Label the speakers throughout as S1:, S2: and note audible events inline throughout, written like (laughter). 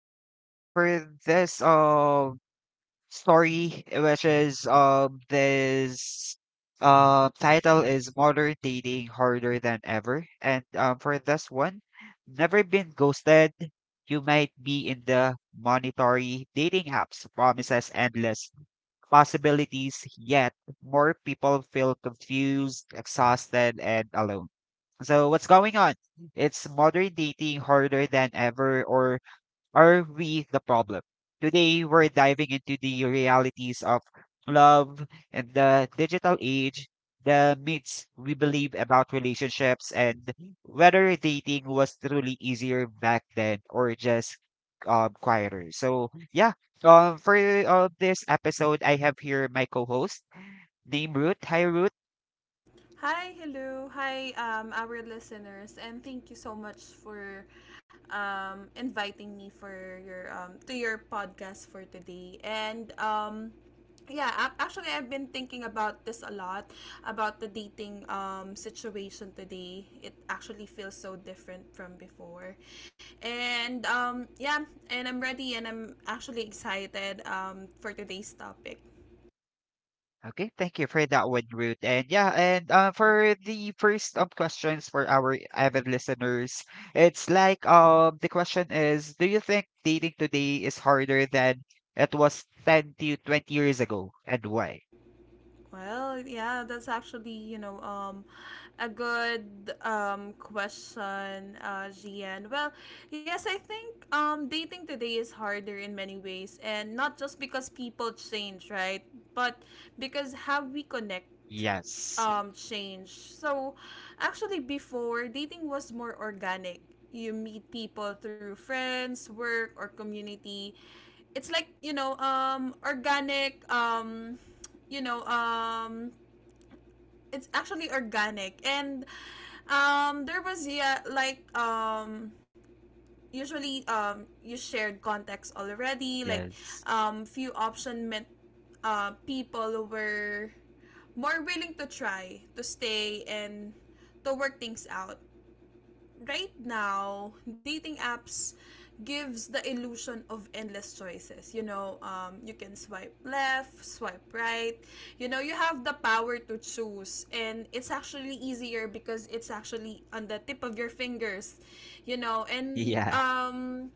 S1: And for this story, which is this title is Modern Dating Harder Than Ever. And for this one, never been ghosted. You might be in the monetary dating apps promises endless possibilities, yet more people feel confused, exhausted, and alone. So what's going on? It's modern dating harder than ever, or are we the problem? Today, we're diving into the realities of love and the digital age, the myths we believe about relationships, and whether dating was truly easier back then or just quieter. So, yeah, for this episode, I have here my co host named Ruth. Hi, Ruth.
S2: Hi, hello. Hi, our listeners, and thank you so much for inviting me for your to your podcast for today. And yeah, actually, I've been thinking about this a lot about the dating situation today. It actually feels so different from before, and yeah, and I'm ready, and I'm actually excited for today's topic.
S1: Okay, thank you for that one, Ruth. And yeah, and for the first questions for our avid listeners, it's like the question is, do you think dating today is harder than it was 10 to 20 years ago, and why?
S2: Well, yeah, that's actually, a good question, Gian. Well, yes, I think dating today is harder in many ways, and not just because people change, right? But because how we connect
S1: Yes.
S2: change. So, actually, before dating was more organic. You meet people through friends, work, or community. It's like you know organic you know It's actually organic, and there was yeah like usually you shared context already.
S1: Yes.
S2: Few option meant people were more willing to try to stay and to work things out. Right now, dating apps gives the illusion of endless choices. You know, you can swipe left, swipe right. You know, you have the power to choose, and it's actually easier because it's actually on the tip of your fingers. You know,
S1: (laughs)
S2: and
S1: Yeah.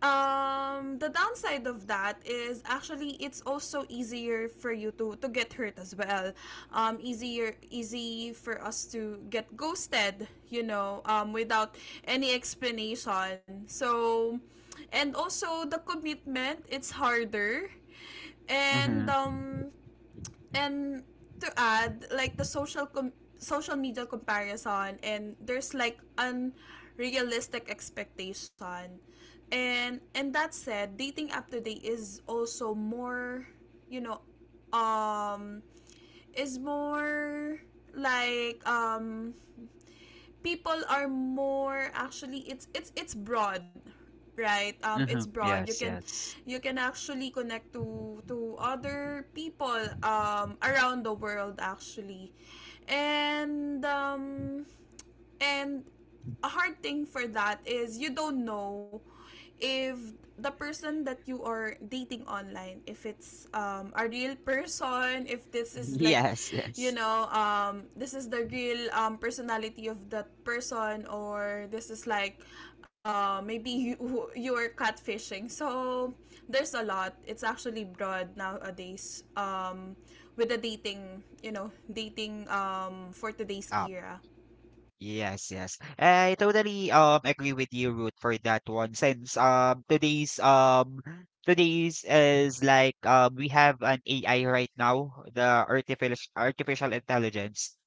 S2: The downside of that is actually it's also easier for you to get hurt as well. Easier Easy for us to get ghosted, you know, without any explanation. So, and also the commitment, it's harder, and
S1: Mm-hmm.
S2: um, and to add like the social media comparison, and there's like unrealistic expectation. And that said, dating app today is also more, you know um is more like um people are more. Actually, it's broad, right? It's
S1: Mm-hmm.
S2: broad.
S1: Yes, yes.
S2: You can actually connect to other people around the world actually. And um and a hard thing for that is you don't know if the person that you are dating online, if it's a real person, if this is
S1: (laughs)
S2: like,
S1: Yes, yes.
S2: this is the real personality of that person, or this is like maybe (laughs) you you're catfishing. So there's a lot. It's actually broad nowadays, with the dating, dating for today's
S1: Ah,
S2: era.
S1: yes, yes. I totally agree with you, Ruth, for that one. Since today's today's is like we have an AI right now, the artificial intelligence.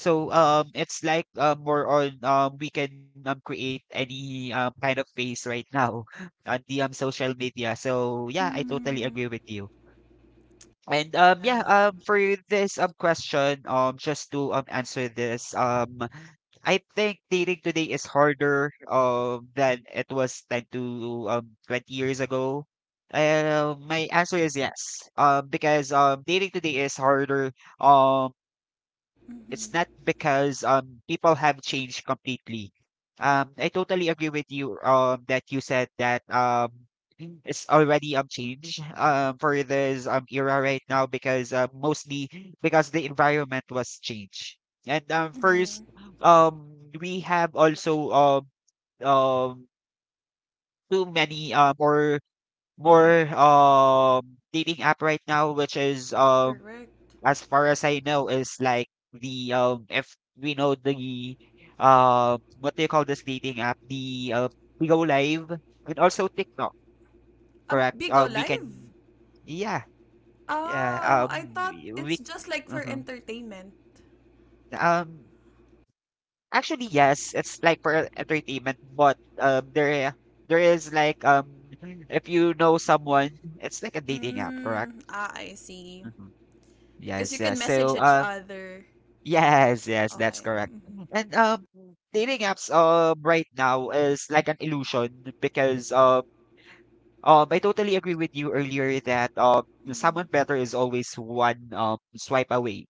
S1: So it's like more on we can create any kind of face right now (laughs) on the social media. So yeah, I totally
S2: Mm-hmm.
S1: agree with you.
S2: Yeah.
S1: For this question, just to answer this, I think dating today is harder than it was 10 to 20 years ago. My answer is yes. Because dating today is harder, um it's
S2: Mm-hmm.
S1: not because people have changed completely. I totally agree with you that you said that it's already changed for this era right now because mostly because the environment was changed. And
S2: Mm-hmm.
S1: first, um we have also um too many or more dating app right now, which is,
S2: Correct.
S1: as far as I know, is like the if we know the what do you call this dating app? The Pigo Live, and also TikTok, correct?
S2: Bigo
S1: We
S2: Live?
S1: can, yeah, yeah.
S2: Oh, I
S1: Um
S2: thought it's
S1: we
S2: just like for
S1: mhm.
S2: entertainment.
S1: um Actually yes, it's like for entertainment, but there, there is like, if you know someone, it's like a dating app, correct?
S2: Mm, ah, I see.
S1: Mhm.
S2: Because you
S1: Yes,
S2: can
S1: yes.
S2: message
S1: So
S2: each
S1: uh.
S2: other.
S1: Yes, yes, that's
S2: Okay.
S1: correct.
S2: Mm-hmm.
S1: And dating apps right now is like an illusion because I totally agree with you earlier that someone better
S2: Mm-hmm.
S1: is always one swipe away.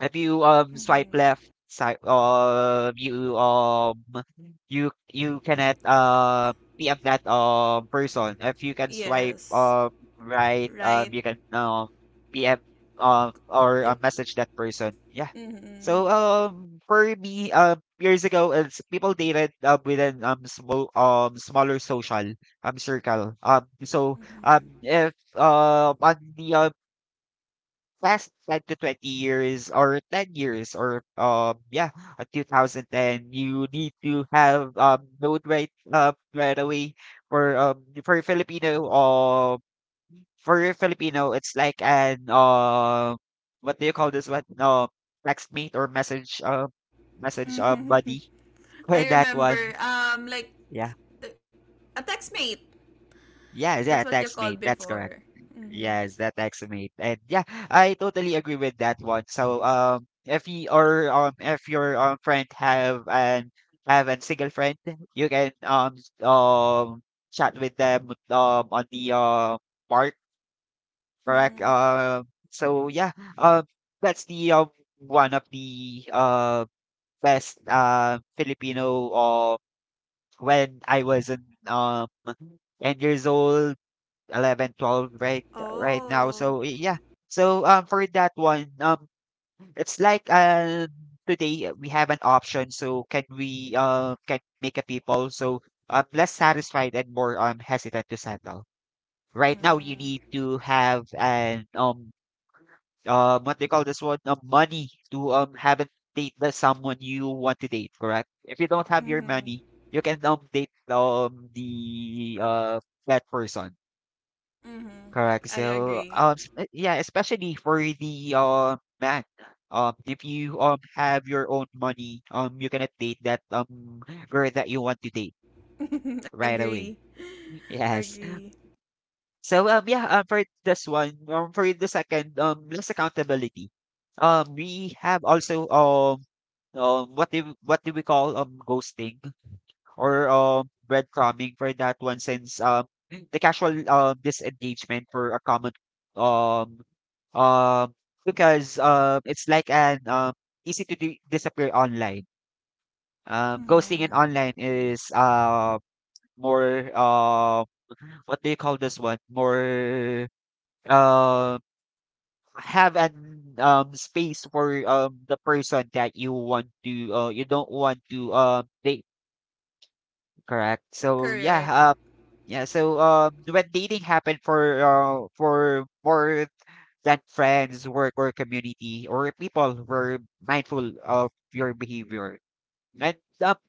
S1: If you swipe
S2: Mm-hmm.
S1: left, swipe, you cannot be of that person. If you can swipe
S2: Yes.
S1: right,
S2: Right.
S1: you can be a- or
S2: You.
S1: message that person. Yeah.
S2: Mm-hmm.
S1: So for me, years ago, it's people dated, within smaller social circle. So
S2: Mm-hmm.
S1: if on the last 10 to 20 years, or 10 years, or yeah 2010 you need to have load right, right away for Filipino for a Filipino. It's like an what do you call this one, text mate or message, message
S2: Mm-hmm.
S1: buddy (laughs)
S2: (laughs)
S1: for
S2: I
S1: that
S2: remember.
S1: one. Yeah,
S2: The, a textmate.
S1: yeah
S2: That's what
S1: yeah
S2: you
S1: text
S2: called
S1: mate, that's
S2: before.
S1: correct.
S2: Mm-hmm.
S1: Yes, that estimate. And yeah, I totally agree with that one. So if you or if your friend have an, have a single friend, you can chat with them on the part, correct?
S2: Mm-hmm.
S1: So yeah, um that's the one of the best Filipino when I was in 10 years old. 11, 12, right right now.
S2: Oh.
S1: So yeah. So for that one, it's like, today we have an option. So can we can make a people so less satisfied and more hesitant to settle. Right now you
S2: Mm-hmm.
S1: need to have an what they call this one, money to have a date the someone you want to date, correct? If you don't have your
S2: Mm-hmm.
S1: money, you can date the that person.
S2: Mm-hmm.
S1: Correct.
S2: I
S1: So,
S2: agree.
S1: yeah, especially for the man. If you have your own money, you cannot date that girl that you want to date
S2: (laughs)
S1: right away.
S2: Agree.
S1: Yes.
S2: Agree.
S1: So for this one, for the second, less accountability. We have also what do we call, ghosting? Or breadcrumbing, for that one, since the casual disengagement for a common um um because it's like an easy to disappear online. Um, ghosting in
S2: Mm-hmm.
S1: online is more, what do you call this one? More uh have an space for the person that you want to you don't want to date, correct? So
S2: Correct.
S1: yeah, yeah, so when dating happened for more than friends, work, or community, or people were mindful of your behavior. And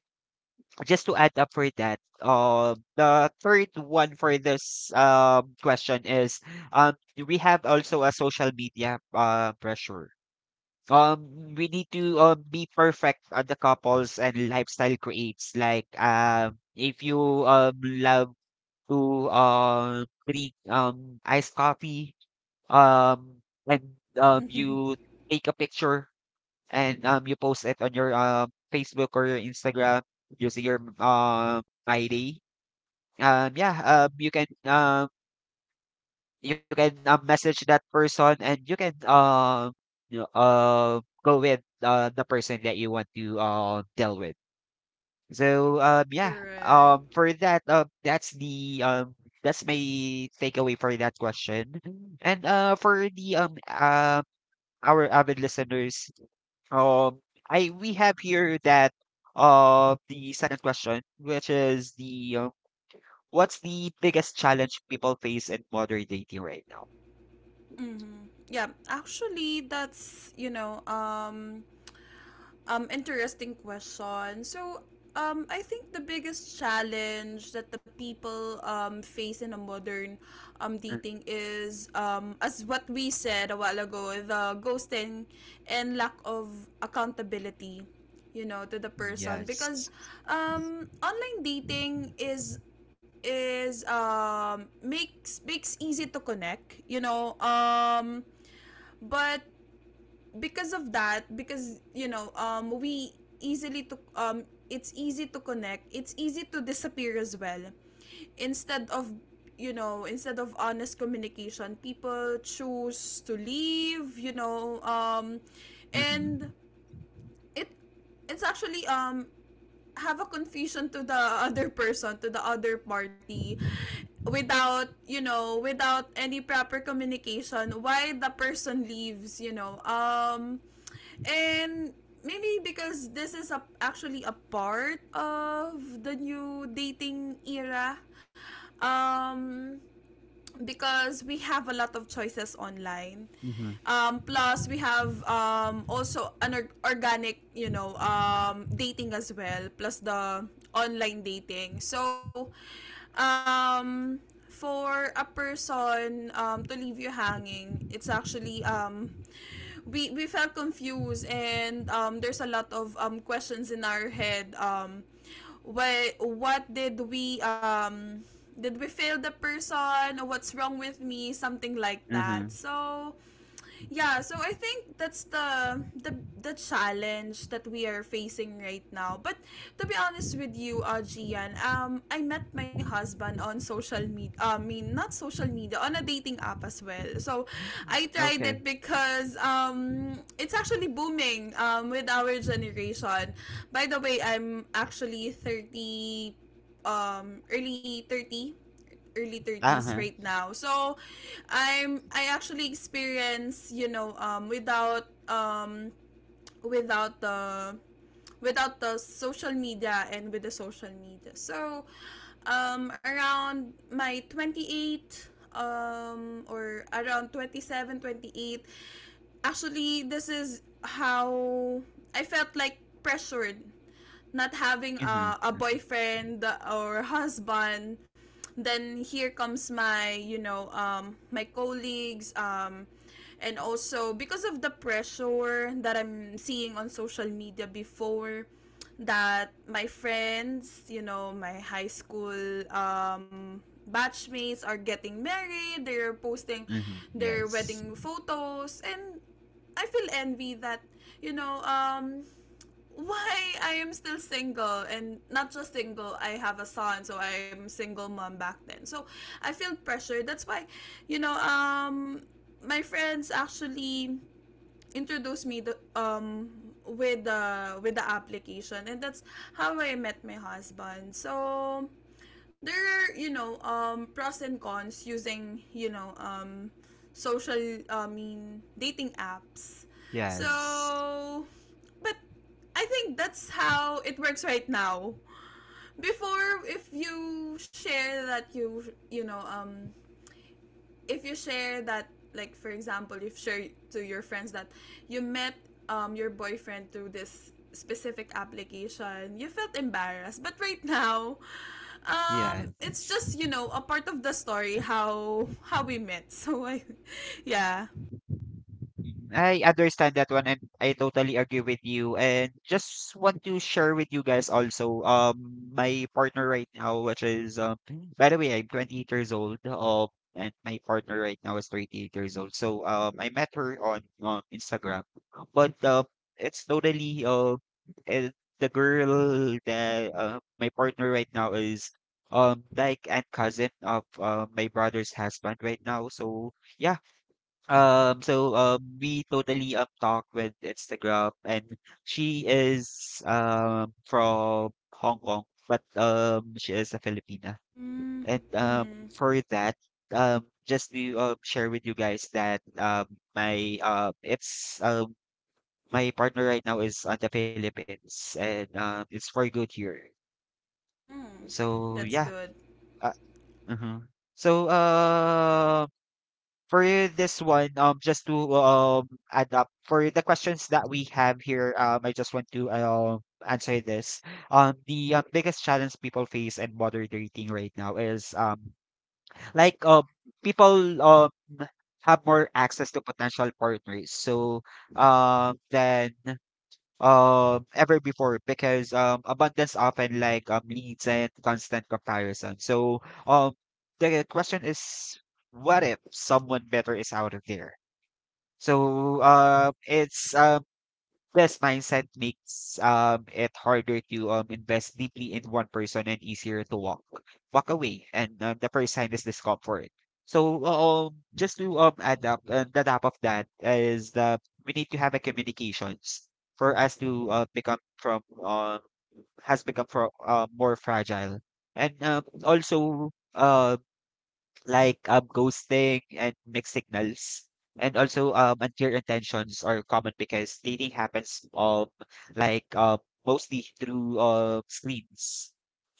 S1: just to add up for that, the third one for this question is, um, we have also a social media, pressure. We need to, be perfect at the couples and lifestyle creates like, if you love to drink iced coffee, um and you
S2: (laughs)
S1: take a picture, and you post it on your Facebook or your Instagram using your ID. Yeah, you can, message that person, and you can, you know, go with, the person that you want to, deal with. So, yeah,
S2: Correct.
S1: for that, that's the that's my takeaway for that question. And for the our avid listeners, um, I we have here that, the second question, which is the what's the biggest challenge people face in modern dating right now?
S2: Mm-hmm. Yeah, actually that's, interesting question. So, I think the biggest challenge that the people face in a modern
S1: Mm,
S2: dating is, as what we said a while ago, the ghosting and lack of accountability, you know, to the person.
S1: yes.
S2: Because online dating is makes easy to connect, you know, but because of that, because, we easily to it's easy to connect, it's easy to disappear as well. Instead of, you know, instead of honest communication, people choose to leave, you know. And
S1: Mm-hmm.
S2: It, it's actually have a confusion to the other person, to the other party without, you know, without any proper communication why the person leaves, you know. And Maybe because this is actually a part of the new dating era. Um because we have a lot of choices online. Plus, we have also an organic, you know, dating as well, plus the online dating. So, um, for a person to leave you hanging, it's actually, we felt confused, and there's a lot of questions in our head. What did we fail the person? What's wrong with me? Something like
S1: Mm-hmm.
S2: that. So yeah, so I think that's the challenge that we are facing right now. But to be honest with you, Gian, I met my husband on social media, I mean not social media, on a dating app as well. So I tried it
S1: Okay.
S2: because it's actually booming with our generation. By the way, I'm actually 30, um early thirty early 30s
S1: Uh-huh.
S2: right now. So I'm, I actually experience, you know, without the, without the social media, and with the social media. So around my 28, or around 27, 28. Actually, this is how I felt, like, pressured, not having
S1: Mhm.
S2: a
S1: Mm
S2: boyfriend or husband. Then here comes my, you know, my colleagues, and also because of the pressure that I'm seeing on social media before, that my friends, you know, my high school um, batchmates, are getting married. They're posting
S1: mhm.
S2: their
S1: Yes.
S2: wedding photos, and I feel envy that, you know um why I am still single, and not just single, I have a son, so I am single mom back then. So I feel pressured. That's why, you know, my friends actually introduced me with the, with the application, and that's how I met my husband. So there are, pros and cons using, social, I mean dating apps.
S1: Yes.
S2: So, but I think that's how it works right now. Before, if you share that you know if you share that, like for example, if share to your friends that you met your boyfriend through this specific application, you felt embarrassed. But right now, it's
S1: Yes.
S2: just, you know, a part of the story how we met. So I (laughs) yeah.
S1: I understand that one, and I totally agree with you, and just want to share with you guys also my partner right now, which is, by the way, I'm 28 years old, and my partner right now is 38 years old. So I met her on Instagram. But it's totally eh, The girl that, my partner right now, is like and cousin of, my brother's husband right now. So yeah, so we totally talk with Instagram, and she is from Hong Kong, but she is a Filipina.
S2: Mm.
S1: And
S2: Mm-hmm.
S1: for that, just to share with you guys that my um it's um my partner right now is on the Philippines, and it's very good here.
S2: Mm.
S1: So
S2: That's
S1: yeah,
S2: good.
S1: uh, mhm. So for this one, just to add up for the questions that we have here, I just want to answer this. The biggest challenge people face in modern dating right now is like um people have more access to potential partners, so then ever before, because abundance often like leads and constant comparison. So um the question is, what if someone better is out of there? So it's yes, mindset makes it harder to invest deeply in one person, and easier to walk away. And the first sign is discomfort. So just to add up and the top of that is that we need to have a communications for us to, become from, has become from, more fragile, and also um, like ghosting and mixed signals. And also, unclear intentions are common because dating happens like mostly through, screens.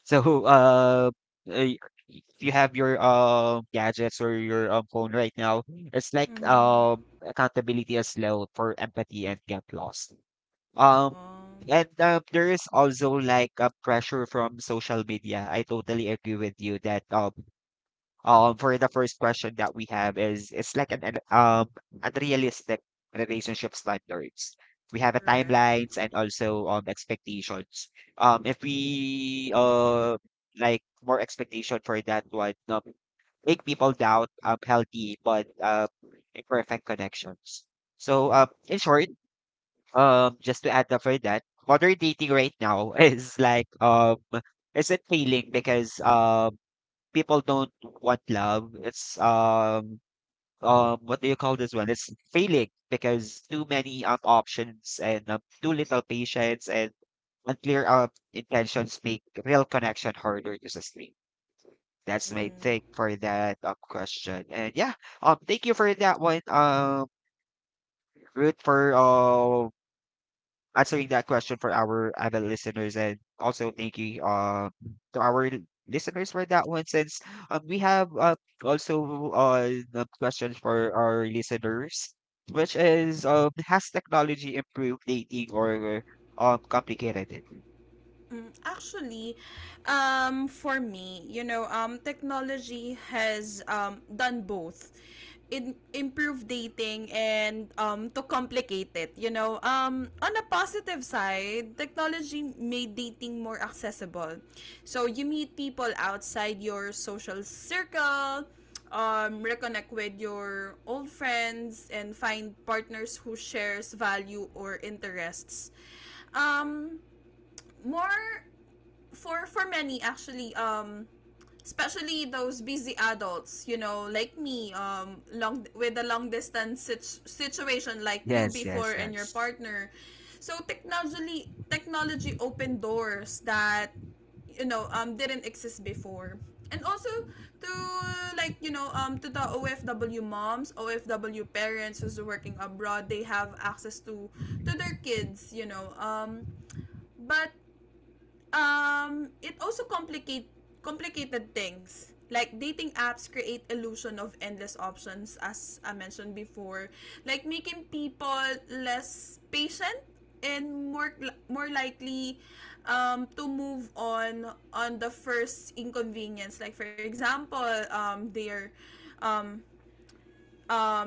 S1: So, (laughs) uh, if you have your gadgets or your phone right now, it's like
S2: Mm-hmm.
S1: accountability is low for empathy and get lost. Um,
S2: um
S1: and there is also like a pressure from social media. I totally agree with you that for the first question that we have is, it's like an um, unrealistic relationship standards. We have a
S2: Correct.
S1: timelines and also expectations. Um, if we like more expectation for that one, make people doubt healthy but imperfect connections. So in short, um, just to add up for that, modern dating right now (laughs) is like um, isn't failing because people don't want love. It's um, what do you call this one? It's failing because too many options, and too little patience, and unclear intentions make real connection harder to sustain. That's
S2: Mm-hmm.
S1: my take for that question. And yeah, thank you for that one, Ruth, for answering that question for our adult listeners, and also thank you to our listeners for that one. Since we have also the questions for our listeners, which is, has technology improved dating or complicated it?
S2: Mm, actually, for me, you know, technology has done both. Improved dating and to complicate it, you know. On a positive side, technology made dating more accessible, so you meet people outside your social circle, reconnect with your old friends, and find partners who shares value or interests, um, more for many actually, especially those busy adults, you know, like me, long with a long distance situation like you
S1: Yes,
S2: before
S1: yes,
S2: and your
S1: yes.
S2: partner. So technology, technology opened doors that, didn't exist before. And also, to like, you know, to the OFW moms, OFW parents who's working abroad, they have access to their kids, you know. But Um, it also complicated things, like dating apps create illusion of endless options, as I mentioned before, like making people less patient and more, more likely to move on the first inconvenience. Like for example, their um, um,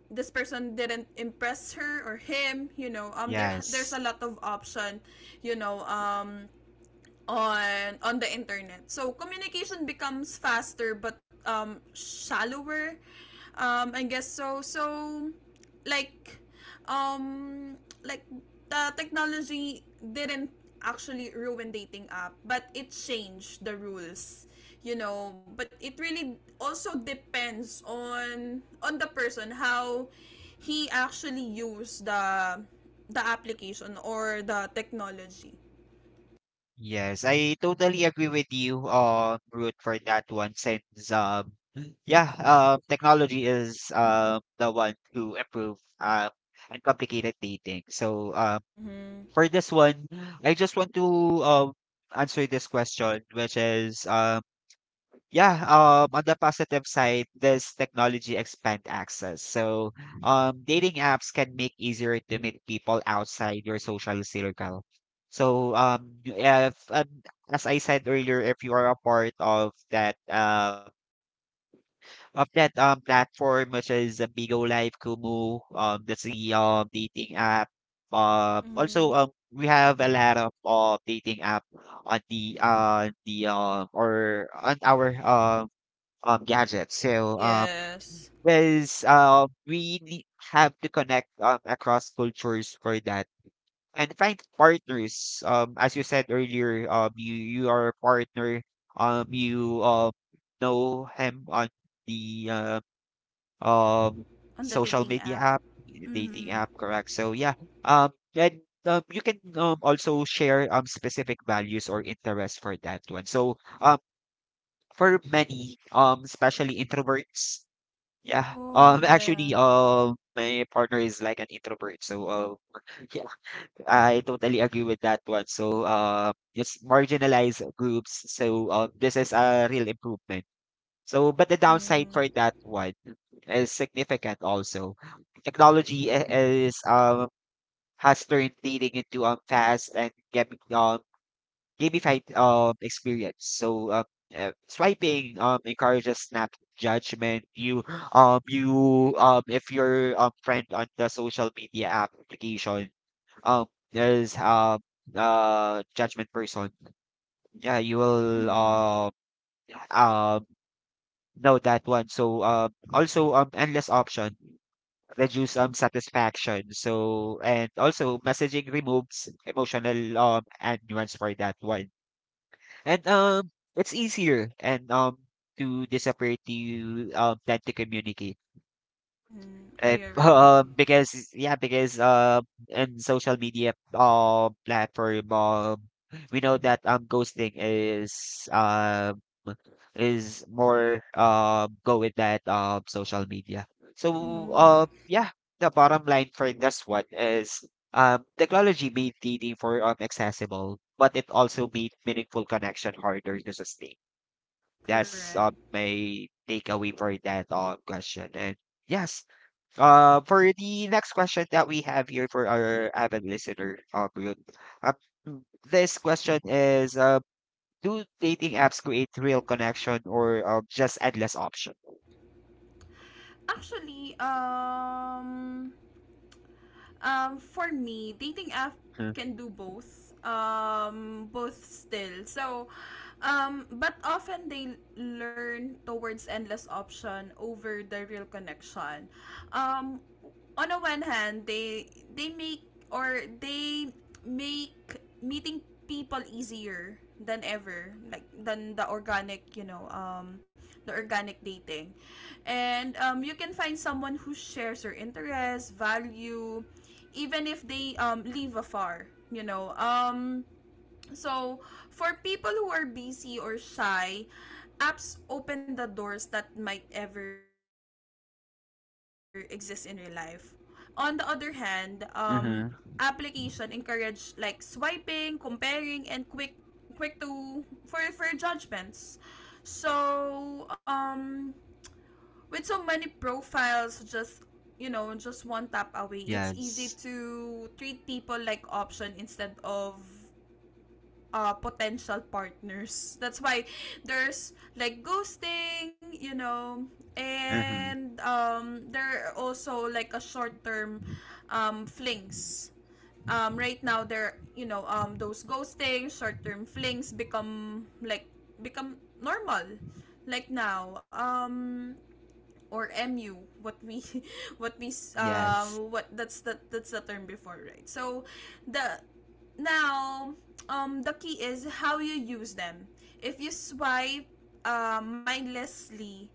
S2: this person didn't impress her or him, you know. There, there's
S1: Yes.
S2: a lot of option, you know, on the internet. So communication becomes faster but shallower, I guess so. So, like um like, the technology didn't actually ruin dating app, but it changed the rules, you know. But it really also depends on the person how he actually used the application or the technology.
S1: Yes, I totally agree with you, Ruth, for that one. Since yeah, technology is the one to improve and complicated dating. So
S2: Mm-hmm.
S1: for this one, I just want to um answer this question, which is Yeah, on the positive side, this technology expand access. So, dating apps can make easier to meet people outside your social circle. So, if as I said earlier, if you are a part of that platform, which is Bigo Live, Kumu, that's the dating app. Also,
S2: Mm-hmm.
S1: we have a lot of dating app on the or on our gadgets. So
S2: Yes.
S1: because have to connect across cultures for that and find partners. As you said earlier, you are a partner. You know him on the um
S2: On the
S1: social
S2: dating
S1: media
S2: app.
S1: app, dating app,
S2: Mm-hmm.
S1: correct? So yeah, and you can, also share specific values or interests for that one. So for many, especially introverts, yeah.
S2: Oh,
S1: Actually,
S2: yeah.
S1: my partner is like an introvert, so (laughs) yeah, I totally agree with that one. So, it's marginalized groups. So, this is a real improvement. So, but the downside for
S2: Mm-hmm.
S1: that one is significant also. Technology is has turned dating into fast and get gamified experience. So swiping encourages snap judgment. You if your friend on the social media application um there's uh, judgment person. Yeah, you will
S2: Mm-hmm.
S1: um know that one. So also endless option reduce satisfaction. So and also, messaging removes emotional and nuance for that one. And it's easier and to the separate the plan to communicate.
S2: Mm-hmm. I
S1: (laughs)
S2: agree.
S1: Because yeah, because in social media platform, we know that ghosting is more go with that social media. So
S2: Mm-hmm.
S1: yeah, the bottom line for this one is technology made dating for accessible, but it also made meaningful connection harder to sustain. That's
S2: Correct.
S1: my takeaway for that question. And yes, for the next question that we have here for our avid listener, Kuya, uh, this question is, do dating apps create real connection or just endless option?
S2: Actually, for me, dating app can do both. Both still. So, but often they learn towards endless option over the real connection. Um, on the one hand, they make, or they make meeting people easier than ever, like than the organic, you know, the organic dating. And you can find someone who shares your interests value even if they live afar, you know. So, for people who are busy or shy, apps open the doors that might ever exist in real life. On the other hand, application
S1: Mm-hmm.
S2: encourage like swiping, comparing, and quick to, for judgments. So, with so many profiles, just, you know, just one tap away, it's easy
S1: Yes.
S2: to treat people like option instead of potential partners. That's why there's like ghosting, you know.
S1: Mm-hmm.
S2: And there are also like a short term flings. Right now, there, those ghosting, short term flings become like, become normal. Like now, or mu what we (laughs) what we
S1: Yes,
S2: what that's the, that's the term before, right? So the now, the key is how you use them. If you swipe mindlessly,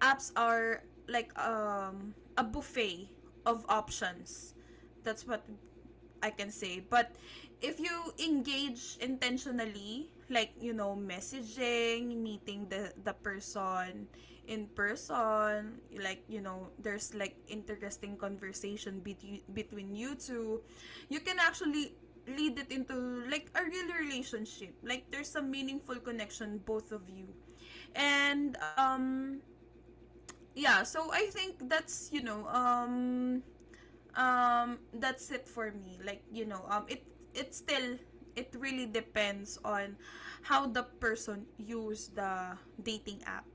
S2: apps are like a buffet of options, that's what I can say. But if you engage intentionally, like, you know, messaging, meeting the person in person, like, you know, there's like interesting conversation between between you two, you can actually lead it into like a real relationship. Like there's a meaningful connection both of you. And um yeah, so I think that's it for me, it still, it really depends on how the person use the dating app.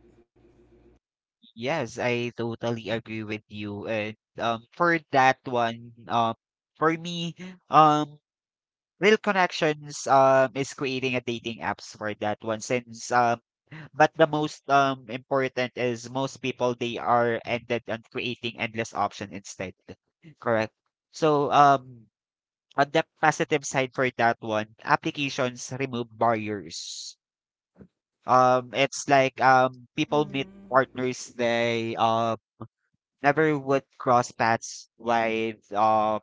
S1: yes, I totally agree with you. And for that one, for me, um, Real Connections, is creating a dating apps for that one. Since but the most important is most people they are ended on creating endless option instead. Correct. So on the positive side for that one, applications remove barriers. It's like people meet
S2: Mm-hmm.
S1: partners they never would cross paths with,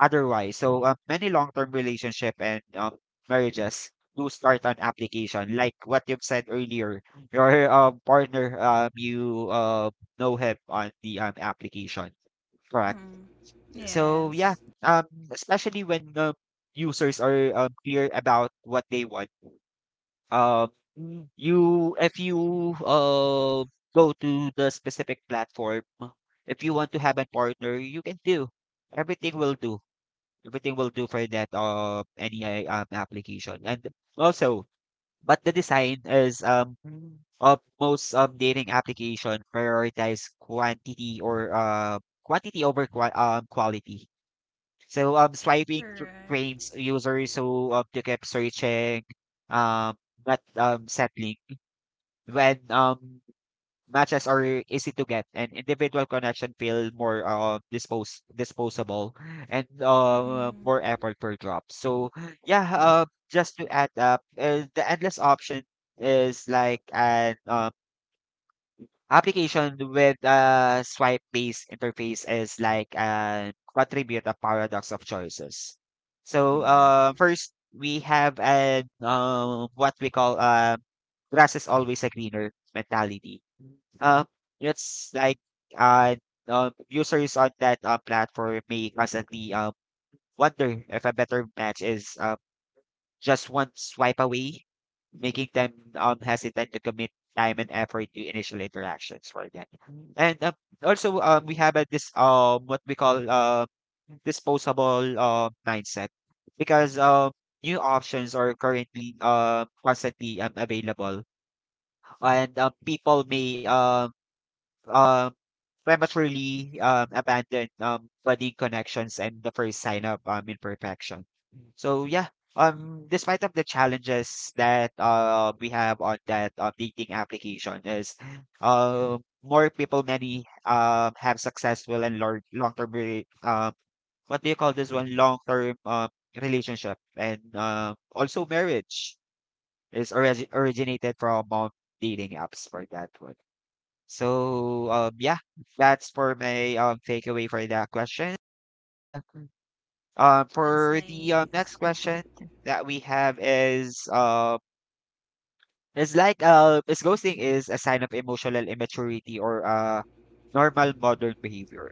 S1: otherwise. So many long-term relationship and, marriages do start on application, like what you've said earlier. Your, partner, you, know him on the, application. Correct.
S2: Mm-hmm.
S1: So
S2: Yes.
S1: yeah, um, especially when users are, clear about what they want. Um, you if you go to the specific platform, if you want to have a partner, you can do. Everything will do Everything will do for that of any application. And also, but the design is of most dating application prioritize quantity or quantity over quality. So swiping
S2: Correct.
S1: trains users so to keep searching, um not settling when matches are easy to get and individual connection feel more disposable (laughs) and
S2: Mm-hmm.
S1: more effort per drop. So yeah, just to add up, the endless option is like an application with a swipe-based interface is like an attribute of paradox of choices. So
S2: Mm-hmm.
S1: first we have an what we call grass is always a greener mentality, uh, it's like uh, users on that platform may constantly wonder if a better match is just one swipe away, making them hesitant to commit time and effort to initial interactions for that. And also we have a this what we call disposable, mindset, because new options are currently constantly available, and people may um prematurely abandon budding connections and the first sign of, imperfection. So yeah, despite of the challenges that we have on that dating application is uh, more people, many have successful and long, long term, um, what do you call this one, long term, relationship and also marriage is originated from, dating apps for that one. So, yeah, that's for my takeaway for that question. The-
S2: That's
S1: for the,
S2: nice.
S1: next question that we have is it's like is ghosting is a sign of emotional immaturity or normal modern behavior?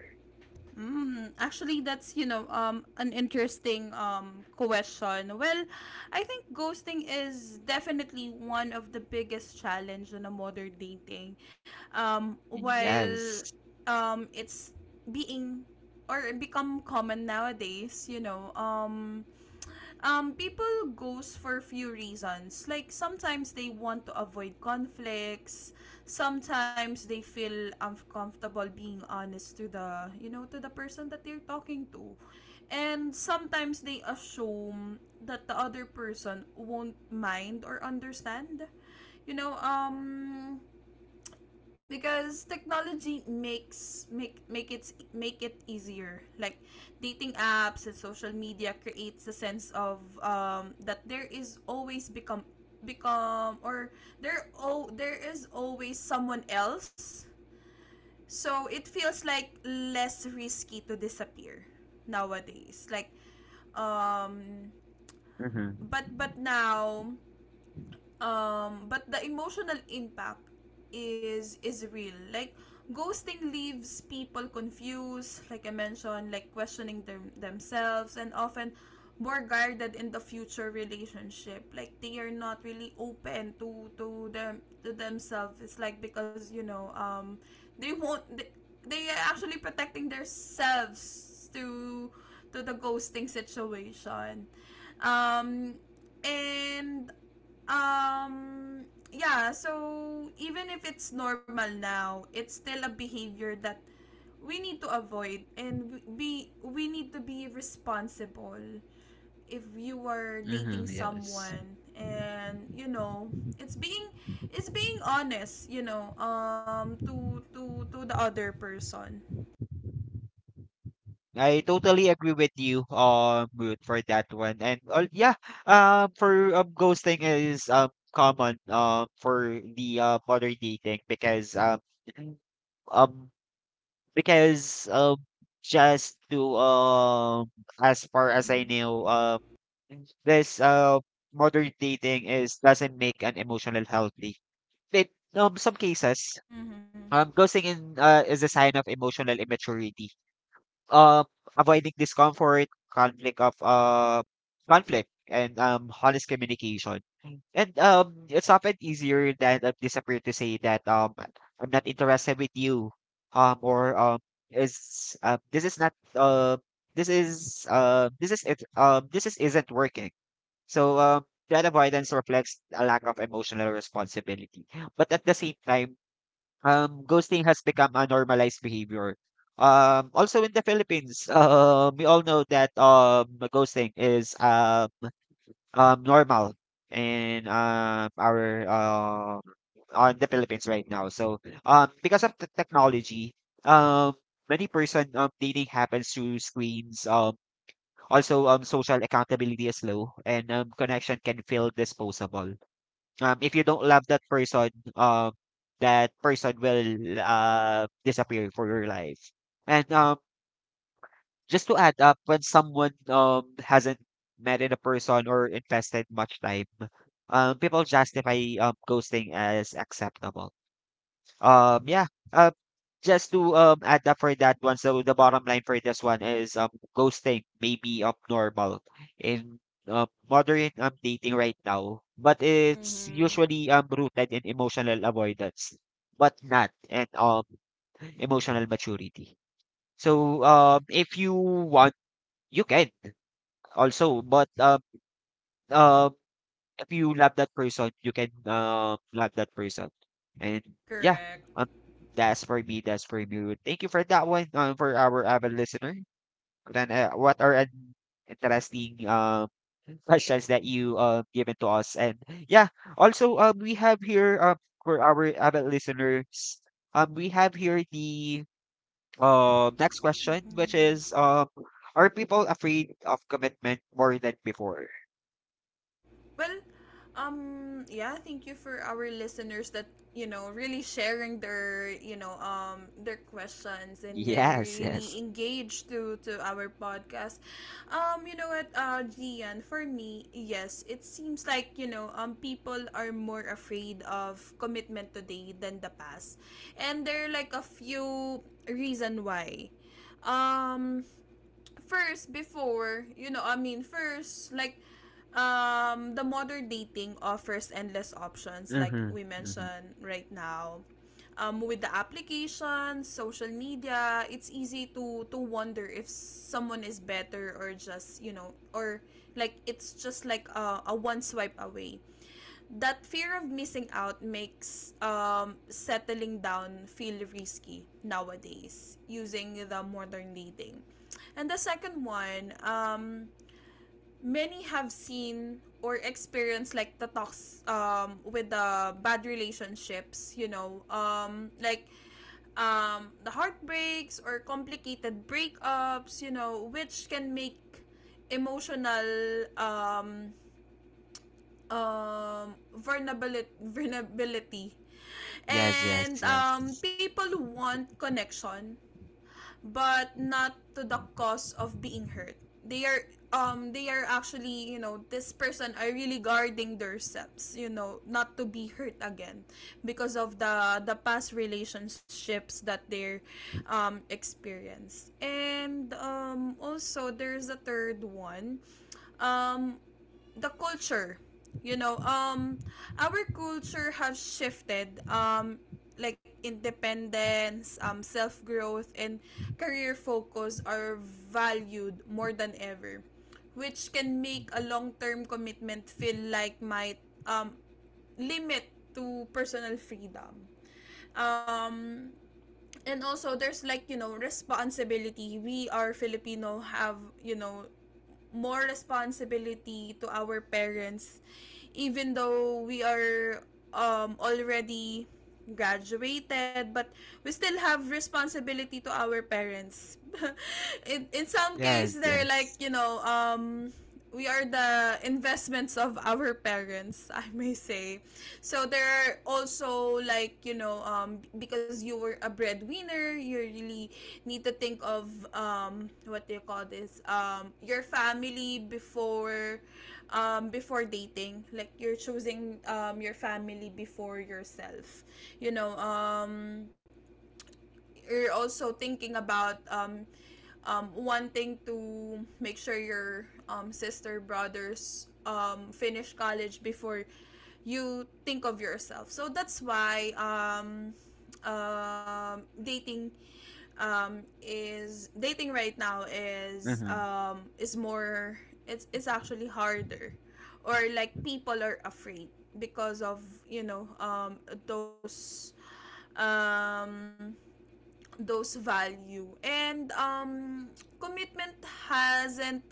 S2: Mm, actually, that's you know an interesting question. Well, I think ghosting is definitely one of the biggest challenge in a modern dating. While
S1: Yes.
S2: it's being or become common nowadays, people goes for few reasons. Like sometimes they want to avoid conflicts. Sometimes they feel uncomfortable being honest to the person that they're talking to, and sometimes they assume that the other person won't mind or understand. You know, um, because technology makes make make it easier, like dating apps and social media creates a sense of that there is always become become or there is always someone else, so it feels like less risky to disappear nowadays. Like um
S1: Mm-hmm.
S2: but Now, but the emotional impact is real. Like, ghosting leaves people confused, like I mentioned, like questioning themselves, and often more guarded in the future relationship. Like, they are not really open to themselves. It's like because they won't they are actually protecting themselves to the ghosting situation. Um and um yeah, so even if it's normal now, it's still a behavior that we need to avoid, and be, we need to be responsible if you are dating
S1: Mm-hmm. Yes.
S2: someone, and you know, it's being it's being honest, to the other person.
S1: I totally agree with you, Ruth, for that one. And yeah, for ghosting is common for the modern dating, um because just to as far as I
S2: Mm-hmm.
S1: know this modern dating is doesn't make an emotional healthy. But some cases
S2: Mm-hmm.
S1: ghosting in is a sign of emotional immaturity, um, avoiding discomfort, conflict, and, honest communication. And it's often easier than a disappear to say that, I'm not interested with you, or is this is it this is isn't working. So that avoidance reflects a lack of emotional responsibility. But at the same time, ghosting has become a normalized behavior. Also in the Philippines, (laughs) we all know that, ghosting is normal in, our on the Philippines right now. So because of the technology, um, many person dating happens through screens. Also, social accountability is low, and, connection can feel disposable. If you don't love that person will disappear for your life. And, just to add up, when someone hasn't met in a person or invested much time, people justify ghosting as acceptable. Yeah. Uh, just to add up for that one. So the bottom line for this one is ghosting may be abnormal in modern dating right now, but it's
S2: Mm-hmm.
S1: usually rooted in emotional avoidance, but not in emotional maturity. So if you want, you can also, but um if you love that person, you can love that person. And yeah,
S2: Correct.
S1: um, that's for me. That's for me. Thank you for that one. For our avid listener. Then, what are an interesting (laughs) questions that you given to us? And yeah, also we have here for our avid listeners, we have here the next question, which is are people afraid of commitment more than before? (laughs)
S2: Well, yeah, thank you for our listeners that, really sharing their, their questions, and they're
S1: Yes, yes.
S2: really engaged to our podcast. You know what, Gian, for me, yes, it seems like, people are more afraid of commitment today than the past. And there are like a few reason why. Um, first before you know I mean first like the modern dating offers endless options, like
S1: Mm-hmm.
S2: we
S1: Mm-hmm.
S2: mentioned right now. With the applications, social media, it's easy to wonder if someone is better, or just you know or like, it's just like a one swipe away. That fear of missing out makes settling down feel risky nowadays using the modern dating. And the second one, many have seen or experienced like the talks with the bad relationships, like the heartbreaks or complicated breakups, you know, which can make emotional um, vulnerability.
S1: Yes, yes,
S2: And
S1: yes.
S2: People want connection but not to the cost of being hurt. They are they are actually, you know, this person are really guarding themselves, you know, not to be hurt again because of the past relationships that they're experienced. And also there's a third one, um the culture. you know um our culture have shifted, like independence, self growth and career focus are valued more than ever, which can make a long term commitment feel like might um limit to personal freedom. Um and also there's, like, you know, responsibility. We are filipino, have, you know, more responsibility to our parents, even though we are already graduated, but we still have responsibility to our parents. (laughs) In some case
S1: Yes,
S2: they're like,
S1: yes.
S2: we are the investments of our parents, (laughs) I may say. So there are also like, you know, because you were a breadwinner, you really need to think of what do you call this? Your family before, before dating. Like, you're choosing your family before yourself. You know, you're also thinking about wanting to make sure your sister, brothers finish college before you think of yourself. So that's why dating is, dating right now
S1: Mm-hmm.
S2: is more, it's actually harder, or like people are afraid because of, you know um, those um, those value, and commitment hasn't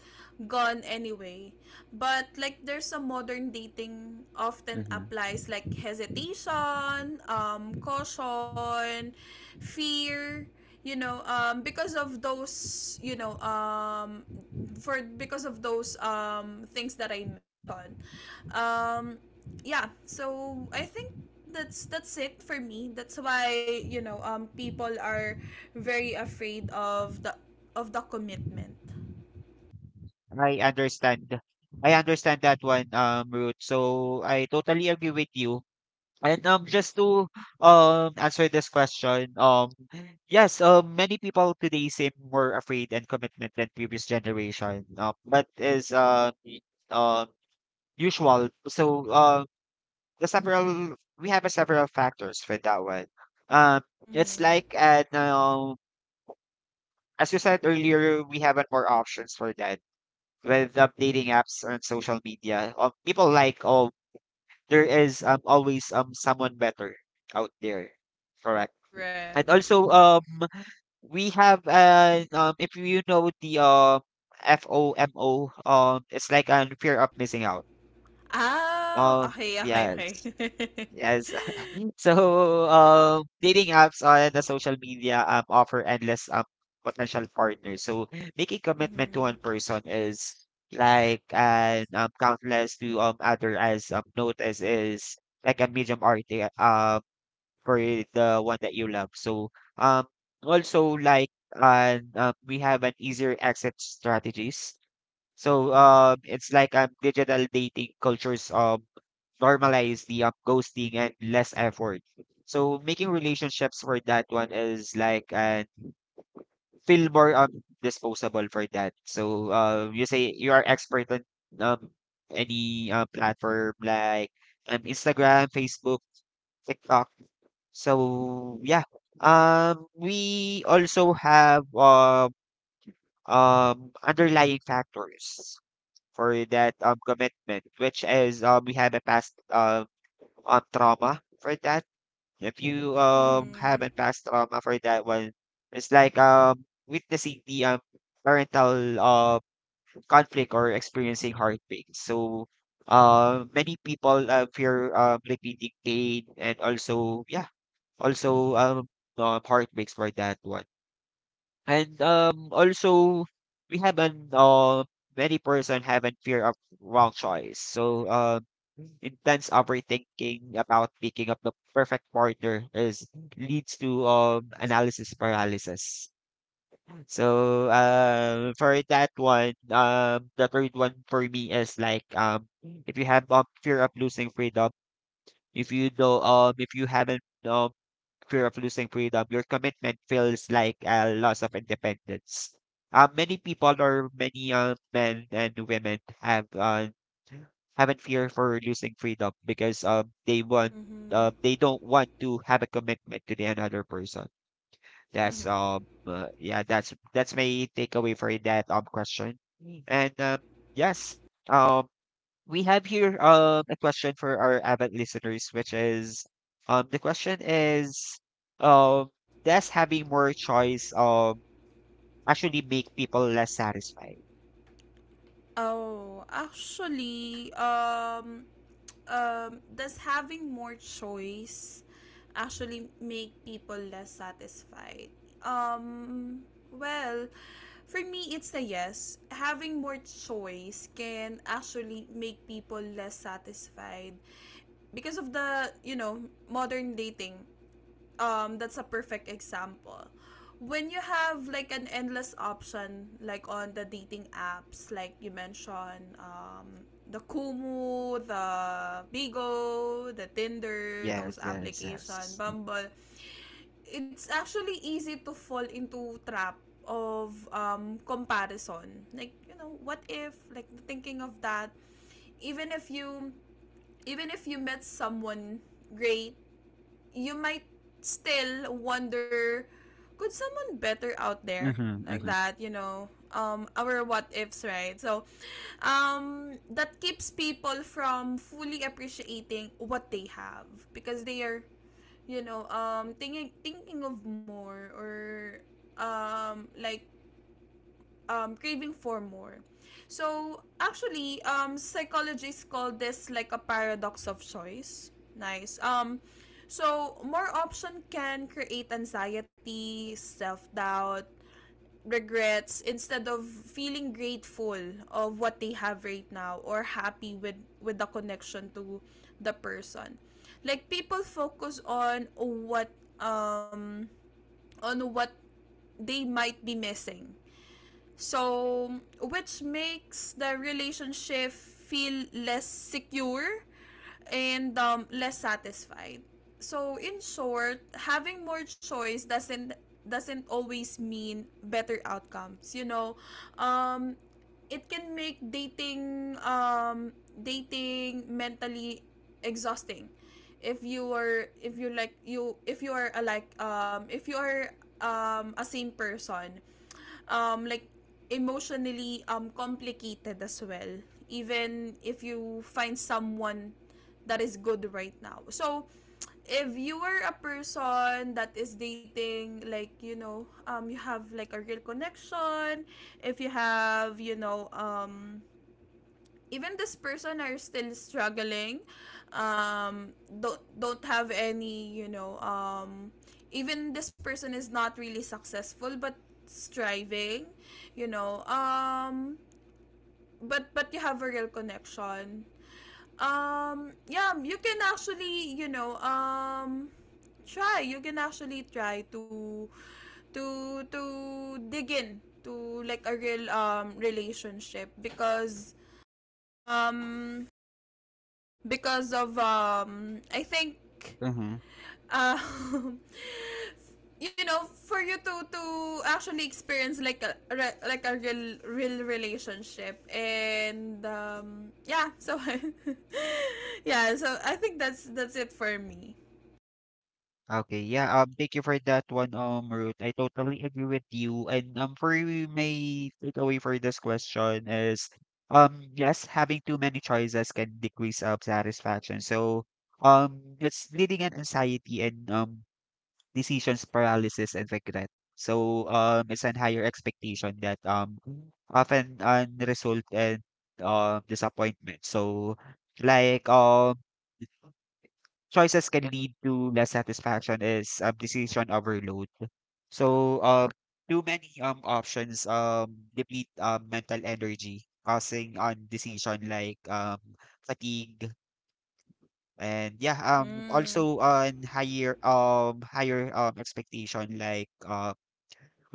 S2: gone anyway, but like there's a modern dating often
S1: Mm-hmm.
S2: applies like hesitation, caution, fear, you know because of those you know for because of those things that I mentioned. um yeah, so I think that's it for me. That's why, people are very afraid of the, of the commitment.
S1: I understand. I understand that one, Ruth. So I totally agree with you. And just to answer this question, yes, many people today seem more afraid and commitment than previous generation. That is uh, usual. So the several we have a several factors for that one. Um, it's like
S2: Mm-hmm.
S1: an as you said earlier, we have more options for that with, dating apps and social media. People like, oh, there is, always someone better out there. Correct. And
S2: Correct.
S1: also, we have an if you know the FOMO, it's like an fear of missing out.
S2: Ah,
S1: Um,
S2: okay, okay, okay.
S1: yes.
S2: (laughs)
S1: Yes. (laughs) So, dating apps on the social media, offer endless, potential partners. So, making commitment to one
S2: Mm-hmm.
S1: person is like an, countless to other as notice is like a medium art uh, for the one that you love. So, um, also like and, we have an easier exit strategies. So, it's like digital dating cultures normalize the, ghosting and less effort. So making relationships for that one is like and feel more, disposable for that. So you say you are expert on um any platform like Instagram, Facebook, TikTok. So we also have underlying factors for that commitment, which is we have a past trauma for that. If you
S2: Mm-hmm.
S1: haven't passed trauma for that one, it's like witnessing the parental conflict or experiencing heartbreak. So many people fear repeating pain and also also um heartbreaks for that one. Also, we have many person have a fear of wrong choice. So, intense overthinking about picking up the perfect partner is leads to analysis paralysis. The third one for me is like if you have fear of losing freedom, if you haven't fear of losing freedom, your commitment feels like a loss of independence. Many people or many men and women have haven't fear for losing freedom because they want
S2: Mm-hmm.
S1: they don't want to have a commitment to the another person. That's
S2: Mm-hmm.
S1: um uh, yeah that's my takeaway for that question. Mm. And yes, um we have here a question for our avid listeners, which is, the question is, um, does having more choice actually make people less satisfied?
S2: Oh, actually, does having more choice actually make people less satisfied? Um, well, for me, it's a yes. Having more choice can actually make people less satisfied because of the, you know, modern dating. That's a perfect example. When you have like an endless option, like on the dating apps, like you mentioned, the Kumu, the Bigo, the Tinder,
S1: Yes,
S2: those
S1: yes, yes.
S2: application, Bumble, it's actually easy to fall into trap of comparison. Like, you know, what if, like thinking of that, even if you, even if you met someone great, you might still wonder, could someone better out there,
S1: Mm-hmm,
S2: like that, you know, our what ifs, right? So, that keeps people from fully appreciating what they have because they are, you know, thinking of more, or like, craving for more. So actually, psychologists call this like a paradox of choice. Nice. So more option can create anxiety, self doubt, regrets instead of feeling grateful of what they have right now, or happy with the connection to the person. Like, people focus on what, um on what they might be missing. So, which makes the relationship feel less secure and less satisfied. So, in short, having more choice doesn't always mean better outcomes. You know, um, it can make dating dating mentally exhausting. If you are a like, if you are a same person, like emotionally complicated as well, even if you find someone that is good right now. So, if you are a person that is dating, like, you know, you have like a real connection. If you have, you know, even this person are still struggling, um don't have any, you know, even this person is not really successful but striving, you know, but you have a real connection, yeah, you can actually, you know, try. You can actually try to, to dig in to like a real relationship, um because of I think,
S1: mm-hmm.
S2: uh (laughs) you know, for you to actually experience like like a real real relationship. And yeah, so (laughs) yeah, so I think that's it for me.
S1: Okay. Yeah, thank you for that one, Ruth. I totally agree with you. And For you, my takeaway for this question is, yes, having too many choices can decrease satisfaction. So, it's leading an anxiety and decisions paralysis and regret. So, it's an higher expectation that often result in disappointment. So, like choices can lead to less satisfaction is, decision overload. So um, Too many options deplete mental energy, causing on decision like fatigue, and
S2: Mm-hmm.
S1: also on higher, expectation like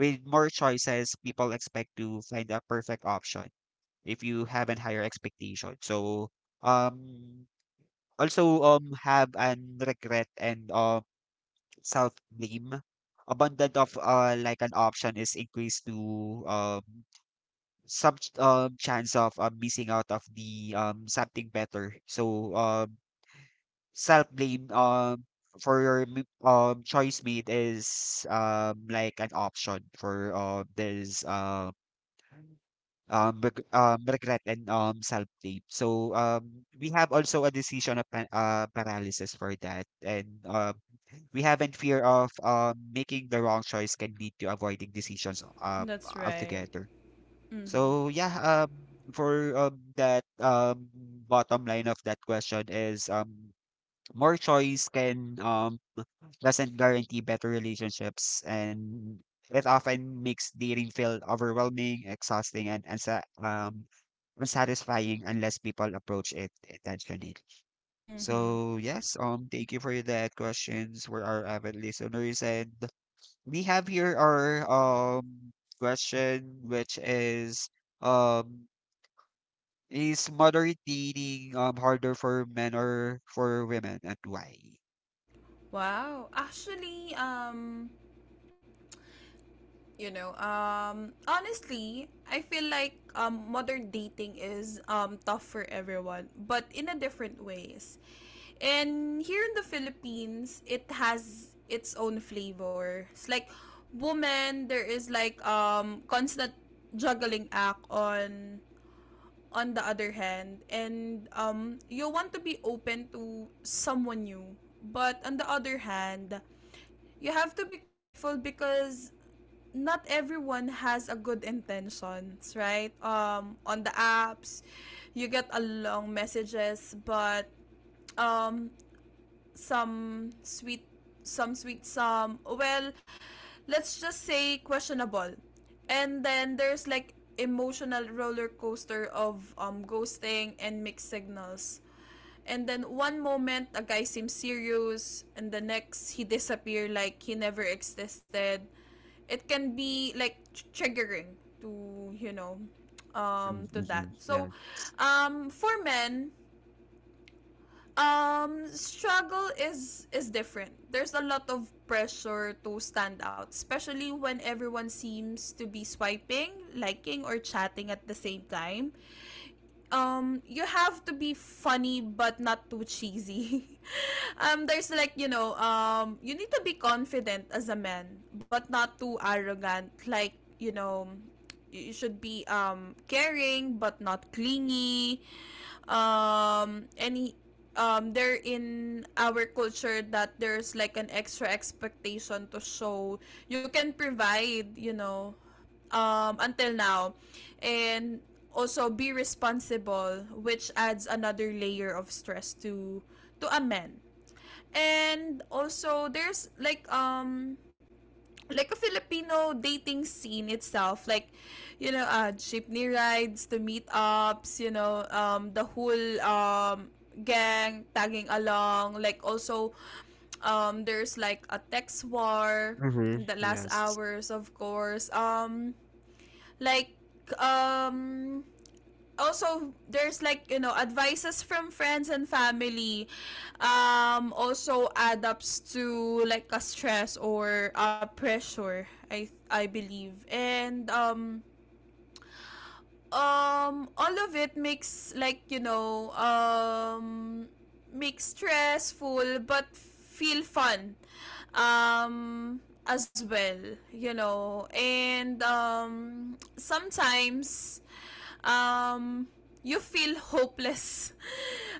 S1: with more choices people expect to find a perfect option if you have an higher expectation. So um also have an regret and self-blame. Abundant of like an option is increased to um some chance of, missing out of the something better. So self-blame for your choice made is like an option for this regret and self-blame. So we have also a decision of paralysis for that, and we haven't fear of, making the wrong choice can lead to avoiding decisions,
S2: That's right.
S1: altogether.
S2: Mm-hmm.
S1: So yeah, for, that bottom line of that question is, more choice can, doesn't guarantee better relationships, and it often makes dating feel overwhelming, exhausting, and, um, unsatisfying unless people approach it intentionally.
S2: Mm-hmm.
S1: So yes, thank you for that questions for our avid listeners. And we have here our question, which is, um is modern dating harder for men or for women, and why?
S2: Wow, actually, honestly, I feel like, modern dating is tough for everyone but in a different ways. And here in the Philippines, it has its own flavor. It's like, woman, there is like constant juggling act. On the other hand, and you want to be open to someone new, but on the other hand, you have to be careful because not everyone has a good intentions, right? On the apps, you get a long messages, but um, some sweet some sweet, some, well, let's just say questionable. And then there's like emotional roller coaster of ghosting and mixed signals. And then one moment a guy seems serious, and the next he disappear like he never existed. It can be like triggering to, you know, to that.
S1: Mm-hmm.
S2: So,
S1: Yeah.
S2: for men, struggle is different. There's a lot of pressure to stand out, especially when everyone seems to be swiping, liking, or chatting at the same time. You have to be funny but not too cheesy. (laughs) Um, there's like, you know, you need to be confident as a man, but not too arrogant, like, you know, you should be caring but not clingy. Any They're in our culture, that there's like an extra expectation to show you can provide, you know, until now, and also be responsible, which adds another layer of stress to a man. And also there's like, like a Filipino dating scene itself, like, you know, jeepney rides, the meetups, you know, the whole gang tagging along, like, also there's like a text war in
S1: Mm-hmm.
S2: the last
S1: Yes.
S2: hours, of course, like um also there's like, you know, advices from friends and family, also add ups to like a stress or a pressure, I believe. And All of it makes, like, you know, makes stressful but feel fun, um as well, you know. And sometimes, um, you feel hopeless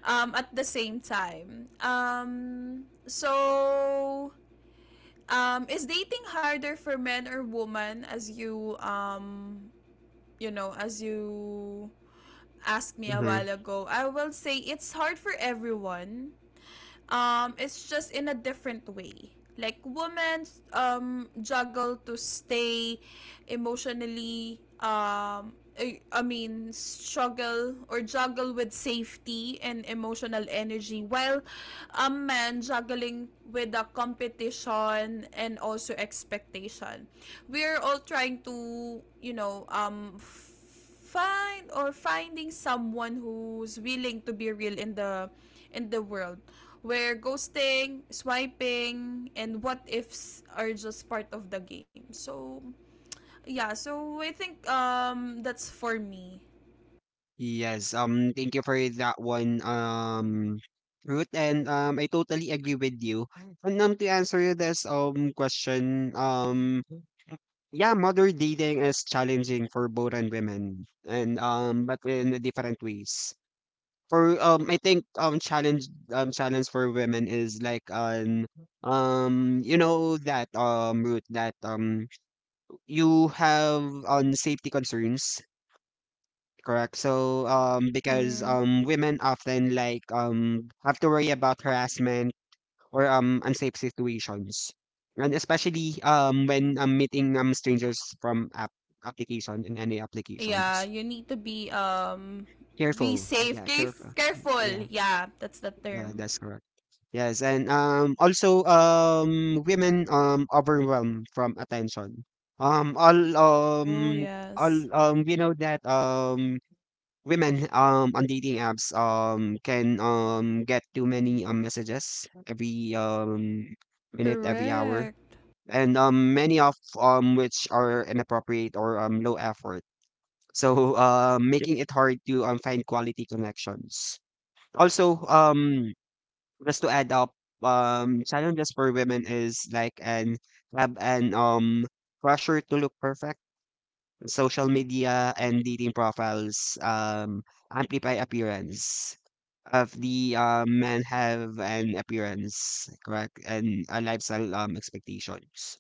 S2: at the same time. So, is dating harder for men or woman, as you, as you asked me a
S1: Mm-hmm.
S2: while ago? I will say it's hard for everyone, it's just in a different way. Like women juggle to stay emotionally, struggle or juggle with safety and emotional energy, while a man juggling with the competition and also expectation. We're all trying to find or finding someone who's willing to be real in the world where ghosting, swiping and what ifs are just part of the game. So yeah, so I think that's for me.
S1: Yes. Thank you for that one. Ruth, and I totally agree with you. And To answer this question, yeah, modern dating is challenging for both and women, and but in different ways. For I think challenge for women is like an you know that route that you have on safety concerns, correct? So because
S2: Mhm.
S1: women often like have to worry about harassment or unsafe situations, and especially when meeting strangers from application in any
S2: Yeah,
S1: applications.
S2: you need to be
S1: Careful,
S2: safe,
S1: yeah, careful.
S2: careful.
S1: Yeah,
S2: Yeah, that's the
S1: yeah,
S2: term.
S1: that's correct. Yes, and also women overwhelmed from attention. Um all
S2: Oh,
S1: um all
S2: yes.
S1: We know that women on dating apps can get too many messages every minute, every hour.
S2: Correct.
S1: And many of which are inappropriate or low effort. So (laughs) Yep. Making it hard to find quality connections. Also just to add up, challenges for women is like an have an pressure to look perfect. Social media and dating profiles amplify appearance of the men, have an appearance, correct, and a lifestyle expectations.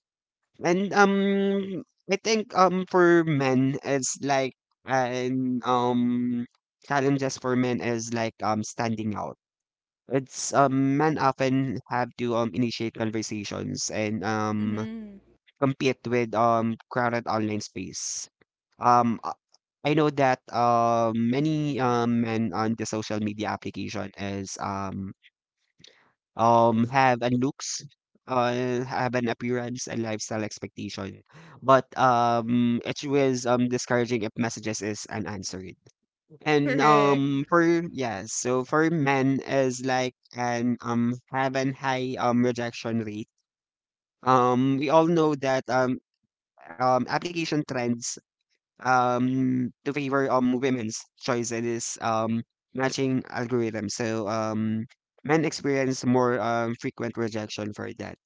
S1: And I think for men it's like an challenges for men is like standing out. It's Men often have to initiate conversations and
S2: Mhm.
S1: compete with crowded online space. Um uh, I know that many men on the social media application is have an looks, have an appearance and lifestyle expectation. But it was discouraging if messages is unanswered. And
S2: Correct.
S1: um for yes, so for men is like an have an high rejection rate. We all know that application trends to favor women's choice in this matching algorithm. So men experience more frequent rejection for that.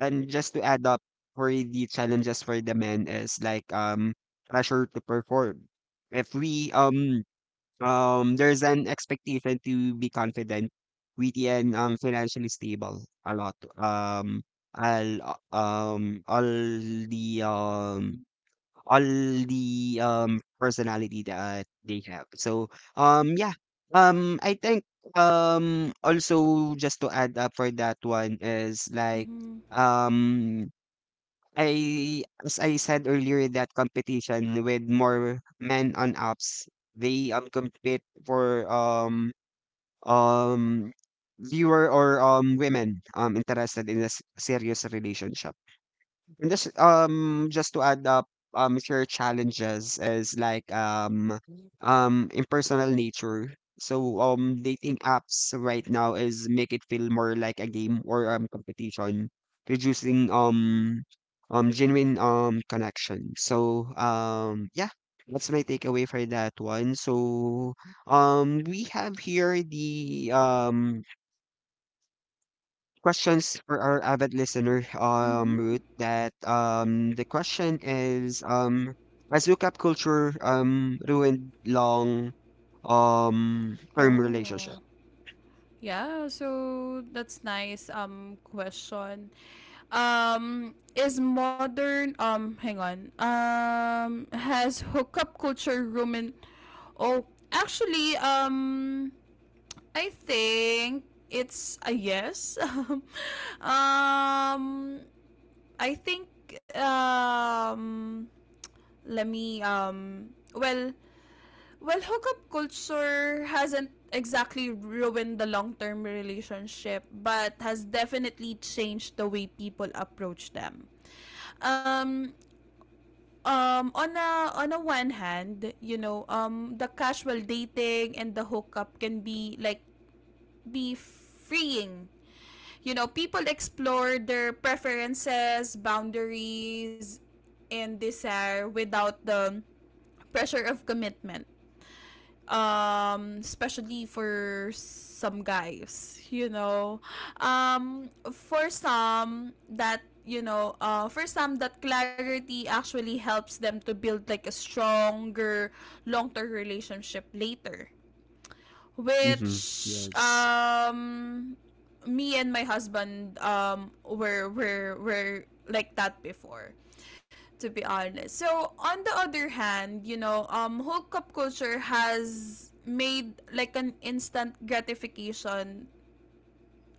S1: And just to add up for the challenges for the men is like pressure to perform. If we There's an expectation to be confident, witty, and financially stable. A lot. All, uh, um, all the um, all the personality that they have. So, yeah. I think also just to add up for that one is like
S2: Mhm.
S1: um I, as I said earlier, that competition with more men on apps, they compete for um viewer or women interested in a serious relationship. And just just to add up, if your challenges is like impersonal nature. So dating apps right now is make it feel more like a game or competition, reducing genuine connection. So yeah, that's my takeaway for that one. So we have here the questions for our avid listener, Ruth,
S2: Mhm.
S1: that the question is, has hookup culture ruined long term relationship?
S2: Oh, yeah. So that's nice. Question. Is modern hang on. Has hookup culture ruined? Oh, actually, I think it's a yes. (laughs) I think um, let me well, well, hookup culture hasn't exactly ruined the long term relationship, but has definitely changed the way people approach them. Um, on a one hand, you know, the casual dating and the hookup can be be freeing. You know, people explore their preferences, boundaries, and desire without the pressure of commitment, especially for some guys, you know. For some, that clarity actually helps them to build like a stronger long-term relationship later,
S1: Mm-hmm.
S2: which
S1: Yes.
S2: me and my husband were like that before, to be honest. So on the other hand, you know, hookup culture has made like an instant gratification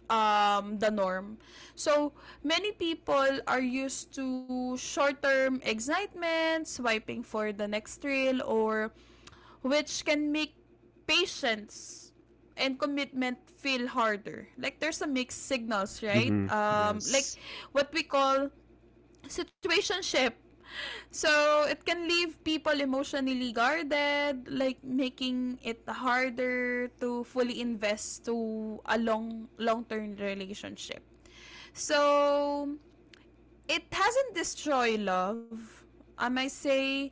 S2: the norm. So many people are used to short-term excitement, swiping for the next thrill, or which can make patience and commitment feel harder. Like there's a mixed signals, right?
S1: Mm-hmm.
S2: Like
S1: Yes. (laughs)
S2: what we call situationship. So it can leave people emotionally guarded, like making it harder to fully invest to a long-term relationship. So it hasn't destroyed love. I might say,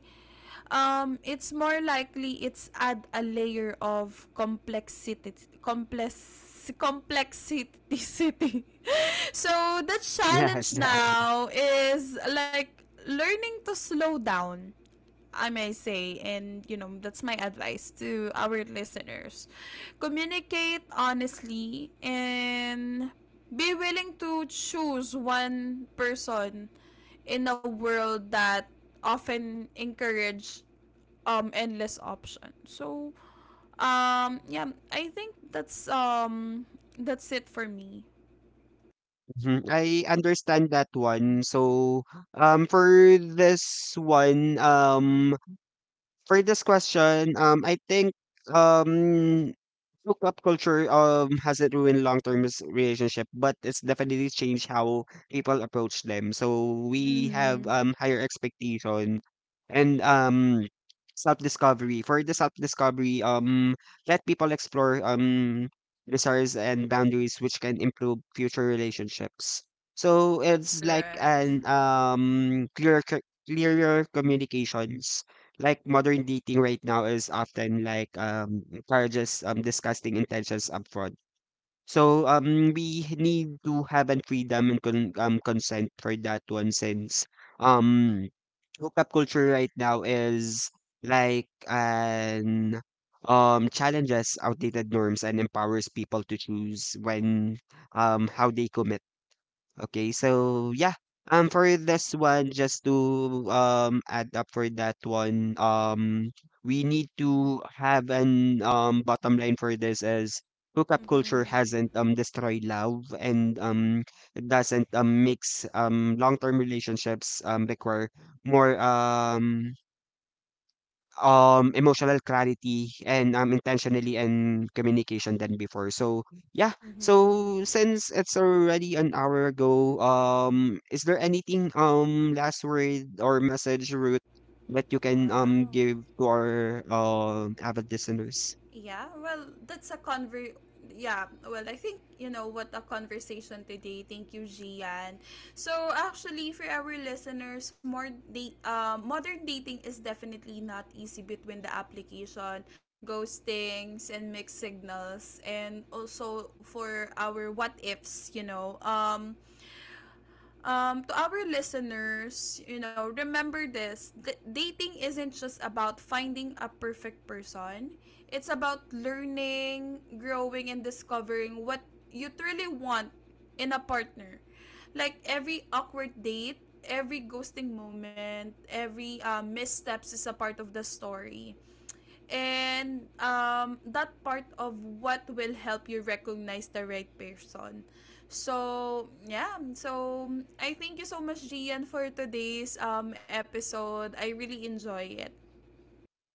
S2: it's more likely it's add a layer of complex complexity. (laughs) So the
S1: Yes,
S2: challenge
S1: that.
S2: now is like learning to slow down, I may say, and you know, that's my advice to our listeners. Communicate honestly and be willing to choose one person in a world that often encourage endless options. So yeah, I think that's it for me.
S1: Mhm. I understand that one. So, for this one, for this question, I think, um, so pop culture hasn't ruined long-term relationship, but it's definitely changed how people approach them. So we have
S2: Mhm.
S1: higher expectation and self-discovery. For the self-discovery, let people explore desires and boundaries, which can improve future relationships. So it's like
S2: Correct.
S1: an clearer clearer communications, like modern dating right now is often like encourages disgusting intentions upfront. So we need to have an freedom and consent for that one, since um hookup culture right now is like an challenges outdated norms and empowers people to choose when how they commit. Okay, so yeah. For this one, just to add up for that one, we need to have an bottom line for this, as hookup culture
S2: Mhm.
S1: hasn't destroyed love, and it doesn't mix long-term relationships require more emotional clarity and, intentionally and communication than before. So yeah.
S2: Mhm.
S1: So since it's already an hour ago, is there anything last word or message, Ruth, that you can
S2: Wow.
S1: give to our avid listeners?
S2: Yeah, well, that's a conver yeah, well, I think you know what a conversation today. Thank you, Gian. So, actually for our listeners, modern dating is definitely not easy between the application, ghostings and mixed signals and also for our what ifs, you know. To our listeners, you know, remember this. Dating isn't just about finding a perfect person. It's about learning, growing, and discovering what you truly want in a partner. Like every awkward date, every ghosting moment, every missteps is a part of the story and that part of what will help you recognize the right person. So, yeah. So, I thank you so much, Gian, for today's episode. I really enjoy it.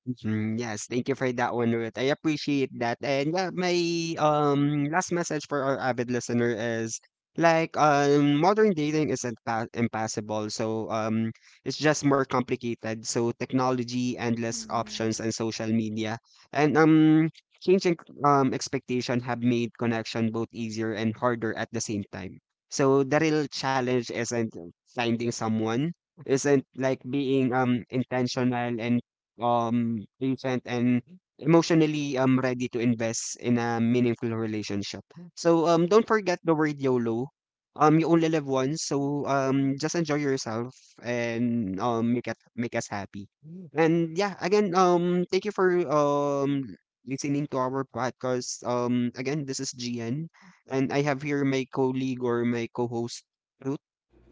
S1: Mhm, yes, thank you for that one, Ruth. I appreciate that. And yeah, my last message for our avid listener is like modern dating isn't pa impossible. So it's just more complicated. So technology, endless
S2: Mhm.
S1: options, and social media. And changing expectation have made connection both easier and harder at the same time. So the real challenge isn't finding someone, isn't like being intentional and, patient and emotionally ready to invest in a meaningful relationship. So don't forget the word YOLO. You only live once, so just enjoy yourself and make it make us happy. And yeah, again, thank you for listening to our podcast. Um, again, this is GN, and I have here my colleague or my co-host Ruth.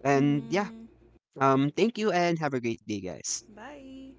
S1: And yeah,
S2: Mhm.
S1: thank you and have a great day, guys.
S2: Bye.